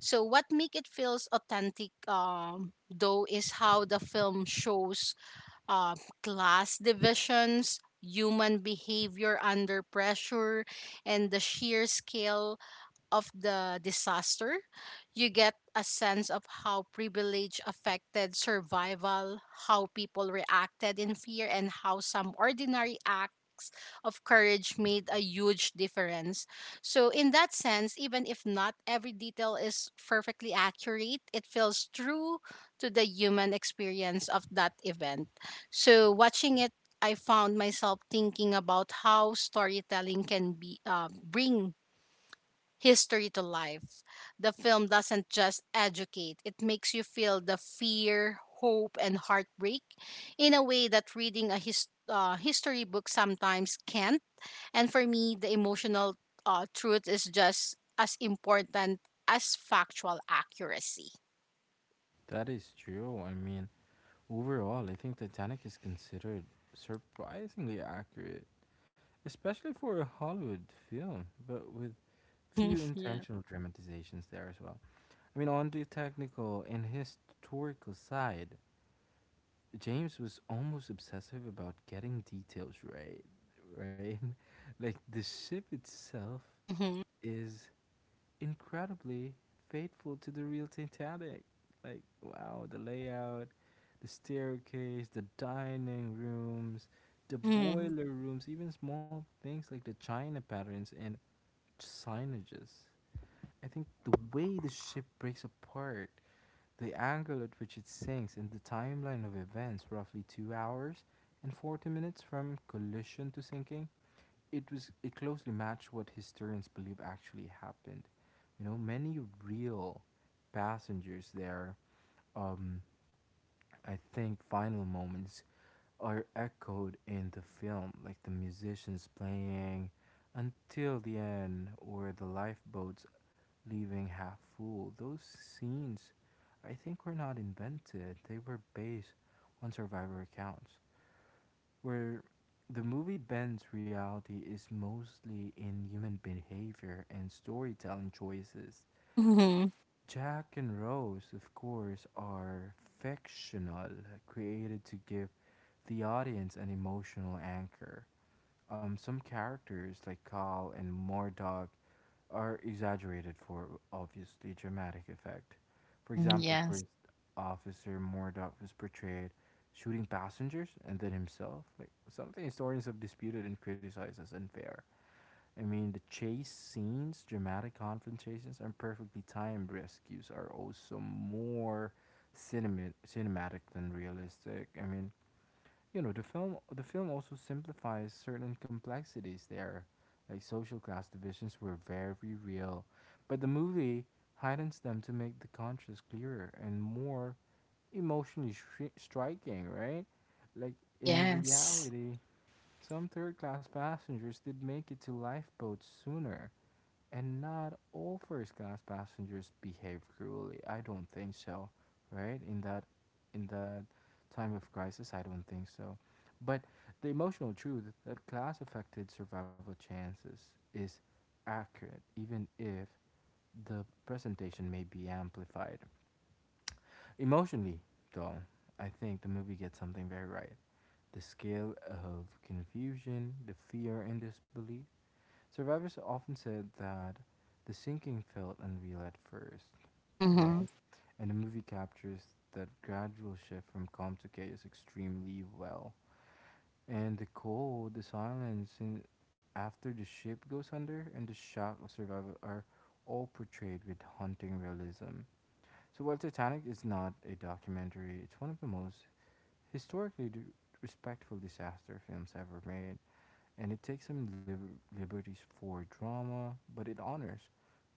[SPEAKER 2] So what make it feels authentic though is how the film shows uh, class divisions, human behavior under pressure, and the sheer scale of the disaster. You get a sense of how privilege affected survival, how people reacted in fear, and how some ordinary acts of courage made a huge difference. So, in that sense, even if not every detail is perfectly accurate, it feels true to the human experience of that event. So, watching it, I found myself thinking about how storytelling can be bring history to life. The film doesn't just educate, it makes you feel the fear, hope, and heartbreak in a way that reading a history book sometimes can't. And for me, the emotional truth is just as important as factual accuracy.
[SPEAKER 1] That is true. I mean, overall, I think Titanic is considered surprisingly accurate, especially for a Hollywood film, but with few
[SPEAKER 2] Yeah.
[SPEAKER 1] intentional dramatizations there as well. I mean, on the technical and historical side, James was almost obsessive about getting details right, right? Like the ship itself
[SPEAKER 2] Mm-hmm.
[SPEAKER 1] is incredibly faithful to the real Titanic. Like, wow, the layout, the staircase, the dining rooms, the
[SPEAKER 2] Mm-hmm.
[SPEAKER 1] boiler rooms, even small things like the china patterns and signages. I think the way the ship breaks apart, the angle at which it sinks, and the timeline of events, roughly 2 hours and 40 minutes from collision to sinking, it closely matched what historians believe actually happened. You know, many real passengers there, um, I think final moments are echoed in the film, like the musicians playing until the end or the lifeboats leaving half full. Those scenes, I think, were not invented. They were based on survivor accounts. Where the movie bends reality is mostly in human behavior and storytelling choices.
[SPEAKER 2] Mm-hmm.
[SPEAKER 1] Jack and Rose, of course, are fictional, created to give the audience an emotional anchor. Some characters like Carl and Mordog are exaggerated for obviously dramatic effect. For
[SPEAKER 2] Mm,
[SPEAKER 1] example,
[SPEAKER 2] yes.
[SPEAKER 1] First Officer Mordog was portrayed shooting passengers and then himself, like something historians have disputed and criticized as unfair. I mean, the chase scenes, dramatic confrontations, and perfectly timed rescues are also more cinematic than realistic. I mean, you know, the film also simplifies certain complexities there. Like social class divisions were very real, but the movie heightens them to make the contrast clearer and more emotionally shri striking, right? Like, in
[SPEAKER 2] Yes.
[SPEAKER 1] reality, some third class passengers did make it to lifeboats sooner, and not all first class passengers behave cruelly. I don't think so, right? In that time of crisis, I don't think so. But the emotional truth that class affected survival chances is accurate, even if the presentation may be amplified. Emotionally, though, I think the movie gets something very right. The scale of confusion, the fear and disbelief, survivors often said that the sinking felt unreal at first,
[SPEAKER 2] Mm-hmm.
[SPEAKER 1] right? And the movie captures that gradual shift from calm to chaos extremely well. And the cold, the silence, and after the ship goes under, and the shock of survival are all portrayed with haunting realism. So while Titanic is not a documentary, it's one of the most historically respectful disaster films ever made, and it takes some liberties for drama, but it honors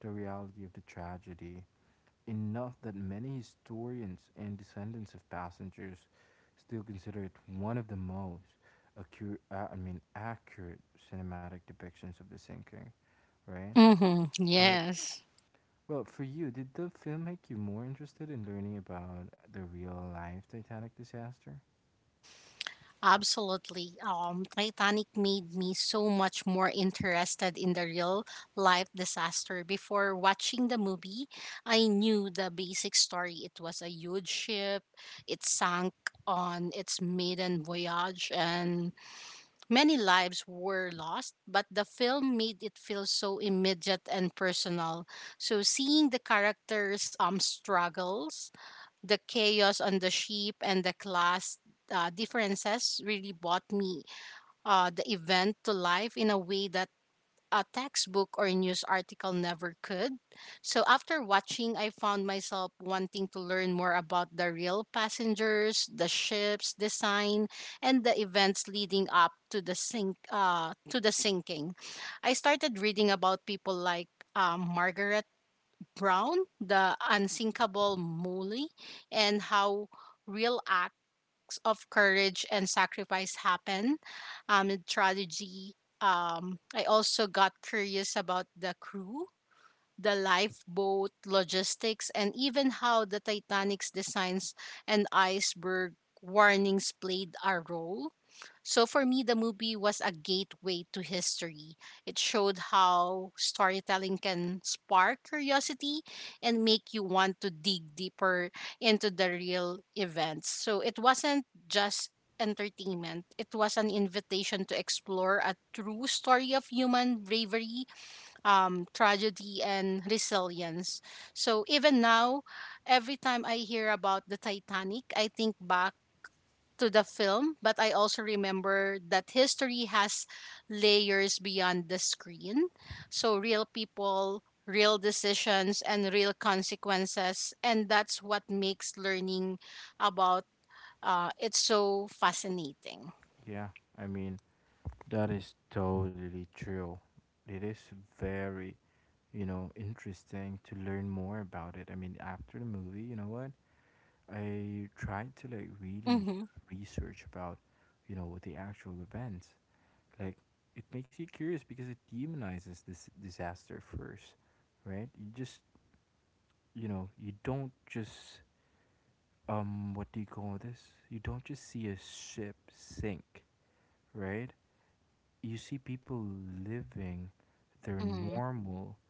[SPEAKER 1] the reality of the tragedy enough that many historians and descendants of passengers still consider it one of the most accurate cinematic depictions of the sinking, right?
[SPEAKER 2] Mm-hmm.
[SPEAKER 1] But
[SPEAKER 2] Yes.
[SPEAKER 1] well, for you, did the film make you more interested in learning about the real life Titanic disaster?
[SPEAKER 2] Absolutely. Titanic made me so much more interested in the real life disaster. Before watching the movie, I knew the basic story. It was a huge ship, it sank on its maiden voyage, and many lives were lost. But the film made it feel so immediate and personal. So seeing the characters' struggles, the chaos on the ship and the class differences really brought me the event to life in a way that a textbook or news article never could. So after watching, I found myself wanting to learn more about the real passengers, the ship's design, and the events leading up to the sink to the sinking. I started reading about people like Margaret Brown, the unsinkable Molly, and how real acts of courage and sacrifice happen in tragedy. I also got curious about the crew, the lifeboat, logistics, and even how the Titanic's designs and iceberg warnings played a role. So for me, the movie was a gateway to history. It showed how storytelling can spark curiosity and make you want to dig deeper into the real events. So it wasn't just entertainment, it was an invitation to explore a true story of human bravery, tragedy, and resilience. So even now, every time I hear about the Titanic, I think back to the film, but I also remember that history has layers beyond the screen. So real people, real decisions, and real consequences. And that's what makes learning about it so fascinating.
[SPEAKER 1] Yeah, I mean, that is totally true. It is very, you know, interesting to learn more about it. I mean, after the movie, you know what? I tried to like really
[SPEAKER 2] Mm-hmm.
[SPEAKER 1] research about, you know, what the actual events. Like, it makes you curious because it demonizes this disaster first, right? You just, you know, you don't just, what do you call this? You don't just see a ship sink, right? You see people living their
[SPEAKER 2] Mm-hmm.
[SPEAKER 1] normal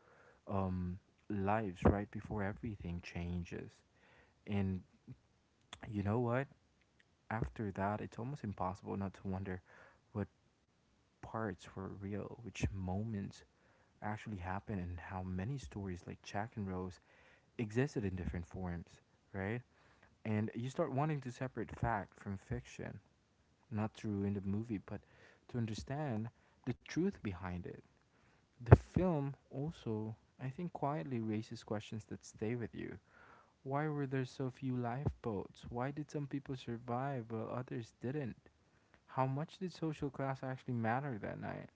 [SPEAKER 1] um, lives right before everything changes. And you know what? After that, it's almost impossible not to wonder what parts were real, which moments actually happened, and how many stories like Jack and Rose existed in different forms, right? And you start wanting to separate fact from fiction, not to ruin the movie, but to understand the truth behind it. The film also, I think, quietly raises questions that stay with you. Why were there so few lifeboats? Why did some people survive while others didn't? How much did social class actually matter that night?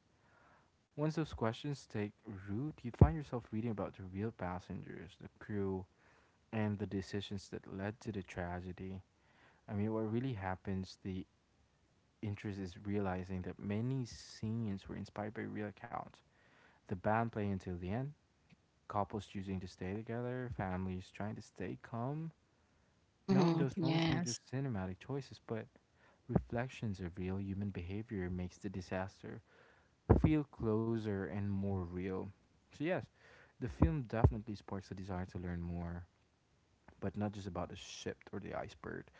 [SPEAKER 1] Once those questions take root, you find yourself reading about the real passengers, the crew, and the decisions that led to the tragedy. I mean, what really happens, the interest is realizing that many scenes were inspired by real accounts. The band playing until the end, couples choosing to stay together, families trying to stay calm. Knowing
[SPEAKER 2] Mm-hmm.
[SPEAKER 1] those moments weren't
[SPEAKER 2] Yes.
[SPEAKER 1] just cinematic choices, but reflections of real human behavior, makes the disaster feel closer and more real. So, yes, the film definitely sparks a desire to learn more, but not just about the ship or the iceberg.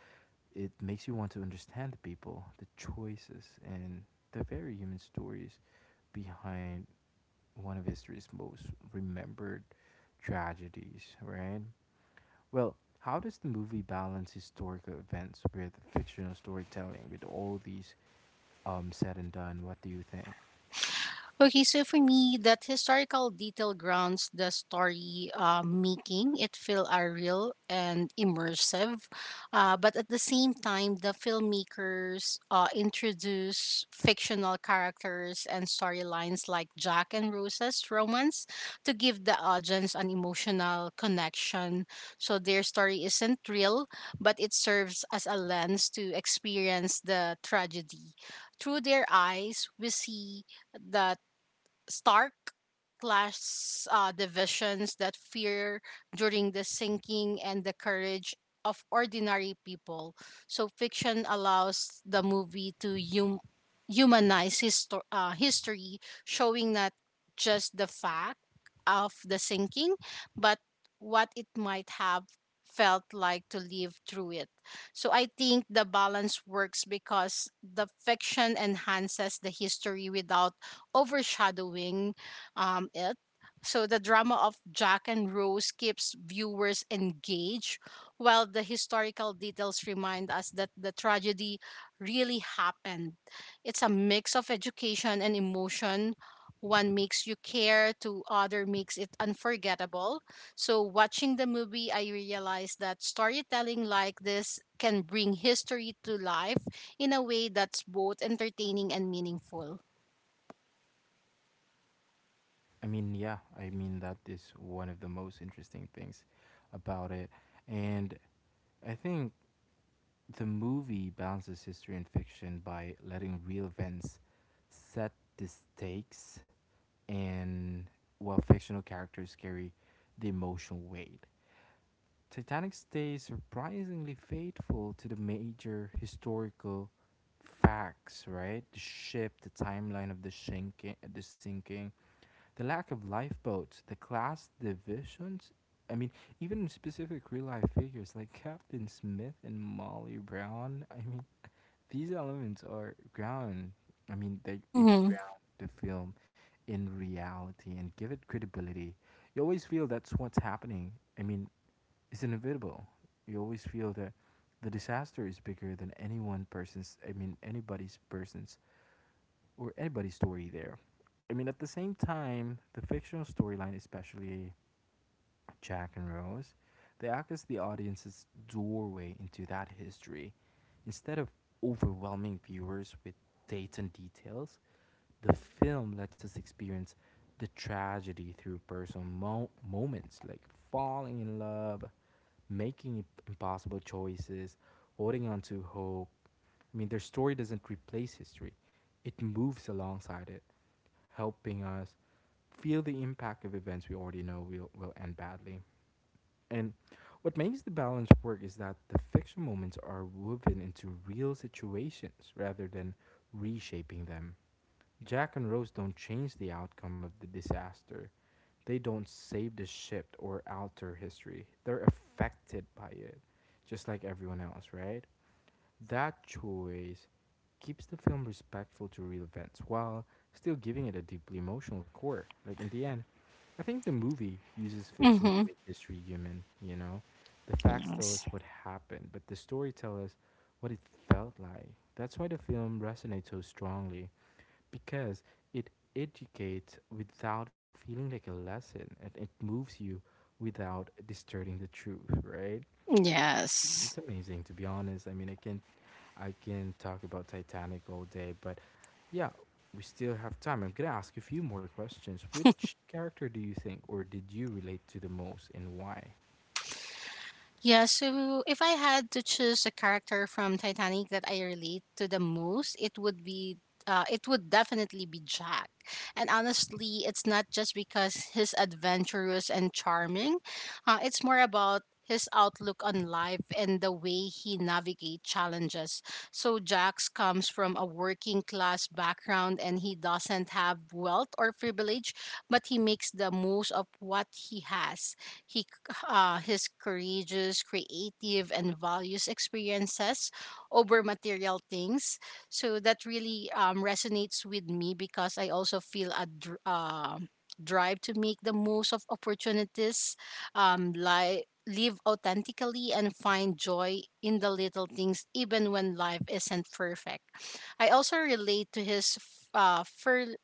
[SPEAKER 1] It makes you want to understand the people, the choices, and the very human stories behind one of history's most remembered tragedies, right? Well, how does the movie balance historical events with fictional storytelling with all these said and done? What do you think?
[SPEAKER 2] Okay, so for me, that historical detail grounds the story, making it feel real and immersive. But at the same time, the filmmakers introduce fictional characters and storylines like Jack and Rose's romance to give the audience an emotional connection. So their story isn't real, but it serves as a lens to experience the tragedy. Through their eyes, we see the stark class divisions, that fear during the sinking, and the courage of ordinary people. So fiction allows the movie to humanize history, showing not just the fact of the sinking, but what it might have felt like to live through it. So I think the balance works because the fiction enhances the history without overshadowing it. So the drama of Jack and Rose keeps viewers engaged, while the historical details remind us that the tragedy really happened. It's a mix of education and emotion. One makes you care, to other makes it unforgettable. So watching the movie, I realized that storytelling like this can bring history to life in a way that's both entertaining and meaningful.
[SPEAKER 1] I mean, yeah, I mean that is one of the most interesting things about it. And I think the movie balances history and fiction by letting real events set the stakes, and while fictional characters carry the emotional weight. Titanic stays surprisingly faithful to the major historical facts, right? The ship, the timeline of the sinking, the sinking, the lack of lifeboats, the class divisions. I mean, even specific real life figures like Captain Smith and Molly Brown. I mean, these elements are ground. I mean, they it ground the film in reality and give it credibility. You always feel that's what's happening. I mean, is inevitable. You always feel that the disaster is bigger than any one person's, I mean, anybody's person's or anybody's story there. I mean, at the same time, the fictional storyline, especially Jack and Rose, they act as the audience's doorway into that history. Instead of overwhelming viewers with dates and details, the film lets us experience the tragedy through personal moments like falling in love, making impossible choices, holding on to hope. I mean, their story doesn't replace history, it moves alongside it, helping us feel the impact of events we already know will end badly. And what makes the balance work is that the fiction moments are woven into real situations rather than reshaping them. Jack and Rose don't change the outcome of the disaster, they don't save the shift or alter history. They're affected by it, just like everyone else, right? That choice keeps the film respectful to real events while still giving it a deeply emotional core. Like, in the end, I think the movie uses fiction to
[SPEAKER 2] Mhm.
[SPEAKER 1] make history human, you know? The facts tell
[SPEAKER 2] Yes.
[SPEAKER 1] us what happened, but the story tells us what it felt like. That's why the film resonates so strongly, because it educates without feeling like a lesson, and it moves you without distorting the truth, right?
[SPEAKER 2] Yes.
[SPEAKER 1] It's amazing, to be honest. I mean, I can talk about Titanic all day, but yeah, we still have time. I'm gonna ask a few more questions. Which character do you think, or did you relate to the most, and why?
[SPEAKER 2] Yeah, so if I had to choose a character from Titanic that I relate to the most, it would be it would definitely be Jack. And honestly, it's not just because he's adventurous and charming. It's more about his outlook on life and the way he navigates challenges. So Jax comes from a working class background and he doesn't have wealth or privilege, but he makes the most of what he has. He, c- his courageous, creative, and values experiences over material things. So that really resonates with me because I also feel a drive to make the most of opportunities, live authentically, and find joy in the little things, even when life isn't perfect. I also relate to his f- uh, fear,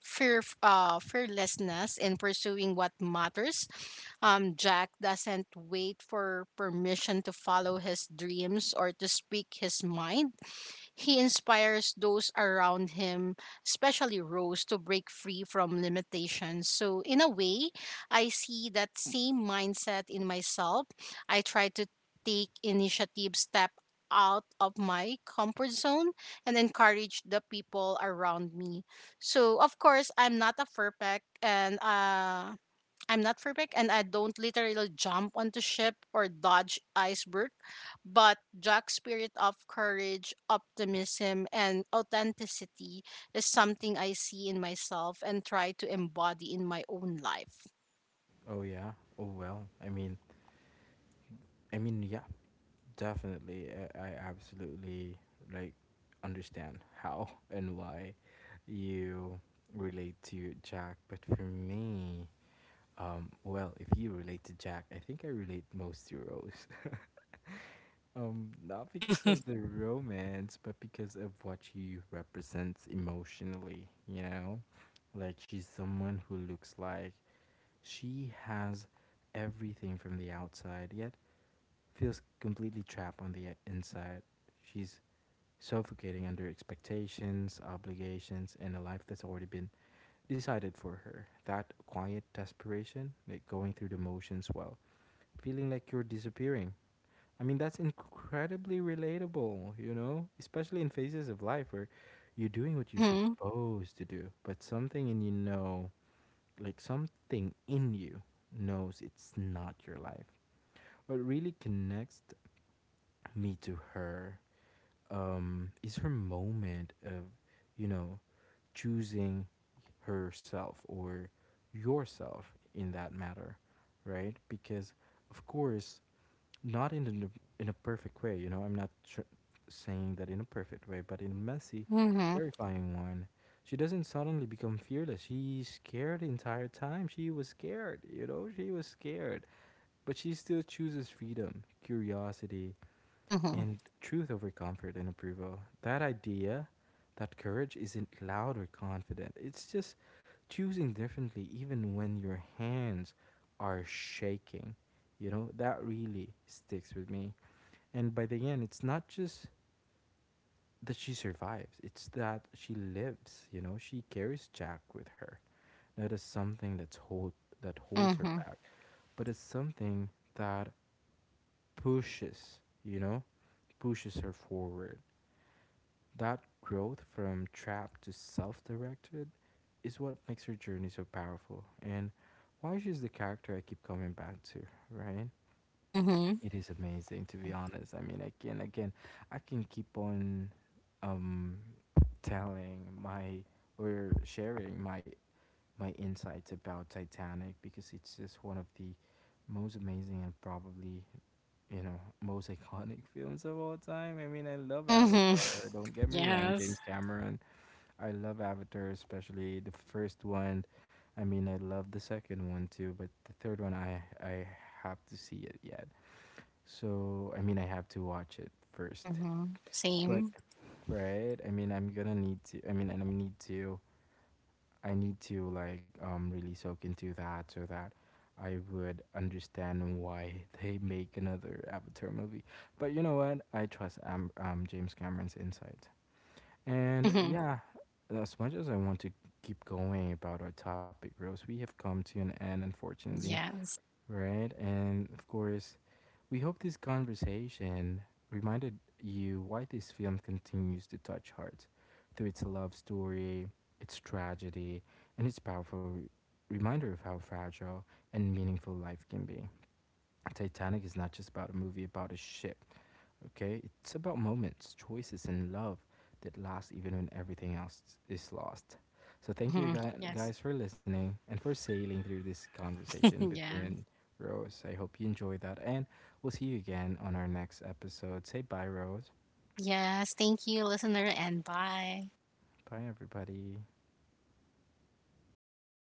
[SPEAKER 2] fear, uh, fearlessness in pursuing what matters. Jack doesn't wait for permission to follow his dreams or to speak his mind. He inspires those around him, especially Rose, to break free from limitations. So, in a way, I see that same mindset in myself. I try to take initiative, step out of my comfort zone, and encourage the people around me. So, of course, I'm not perfect and I don't literally jump onto ship or dodge iceberg, but Jack's spirit of courage, optimism, and authenticity is something I see in myself and try to embody in my own life.
[SPEAKER 1] Oh yeah. Oh well, I mean, I mean, yeah. Definitely, I absolutely like understand how and why you relate to Jack. But for me, well, if you relate to Jack, I think I relate most to Rose. Not because of the romance, but because of what she represents emotionally. You know, like she's someone who looks like she has everything from the outside, yet feels completely trapped on the inside. She's suffocating under expectations, obligations, and a life that's already been decided for her. That quiet desperation, like going through the motions while feeling like you're disappearing. I mean, that's incredibly relatable, you know? Especially in phases of life where you're doing what you're
[SPEAKER 2] Mm-hmm.
[SPEAKER 1] supposed to do, but something in you know, like something in you knows it's not your life. What really connects me to her, is her moment of, you know, choosing herself, or yourself in that matter, right? Because, of course, not in an, in a perfect way. You know, I'm not saying that in a perfect way, but in a messy,
[SPEAKER 2] Mm-hmm.
[SPEAKER 1] terrifying one. She doesn't suddenly become fearless. She's scared the entire time. She was scared, you know, she was scared. But she still chooses freedom, curiosity,
[SPEAKER 2] Mm-hmm.
[SPEAKER 1] and truth over comfort and approval. That idea that courage isn't loud or confident, it's just choosing differently, even when your hands are shaking. You know, that really sticks with me. And by the end, it's not just that she survives, it's that she lives. You know, she carries Jack with her. Not as something that holds her
[SPEAKER 2] Mm-hmm.
[SPEAKER 1] back, but as something that pushes, you know, pushes her forward. That growth from trapped to self directed is what makes her journey so powerful and why she's the character I keep coming back to, right?
[SPEAKER 2] Mm-hmm.
[SPEAKER 1] It is amazing, to be honest. I mean, again, again, I can keep on um telling my or sharing my insights about Titanic because it's just one of the most amazing, and probably, you know, most iconic films of all time. I mean, I love
[SPEAKER 2] Mm-hmm.
[SPEAKER 1] Avatar. Don't get me wrong,
[SPEAKER 2] Yes.
[SPEAKER 1] James Cameron. I love Avatar, especially the first one. I mean, I love the second one too, but the third one, I have to see it yet. So I mean, I have to watch it first.
[SPEAKER 2] Mm-hmm.
[SPEAKER 1] But
[SPEAKER 2] Same.
[SPEAKER 1] right, I mean, I'm gonna need to. I mean, and I need to. I need to like really soak into that so that I would understand why they make another Avatar movie. But you know what? I trust James Cameron's insight. And
[SPEAKER 2] Mm-hmm.
[SPEAKER 1] yeah, as much as I want to keep going about our topic, Rose, we have come to an end, unfortunately,
[SPEAKER 2] Yes.
[SPEAKER 1] right? And of course, we hope this conversation reminded you why this film continues to touch hearts through its love story, its tragedy, and its powerful reminder of how fragile and meaningful life can be. Titanic is not just about a movie, about a ship. Okay, it's about moments, choices, and love that last even when everything else is lost. So thank you
[SPEAKER 2] Mm-hmm. Yes.
[SPEAKER 1] guys for listening and for sailing through this conversation with me
[SPEAKER 2] Yeah.
[SPEAKER 1] and Rose. I hope you enjoy that, and we'll see you again on our next episode. Say bye, Rose.
[SPEAKER 2] Yes. Thank you, listener, and bye.
[SPEAKER 1] Bye, everybody.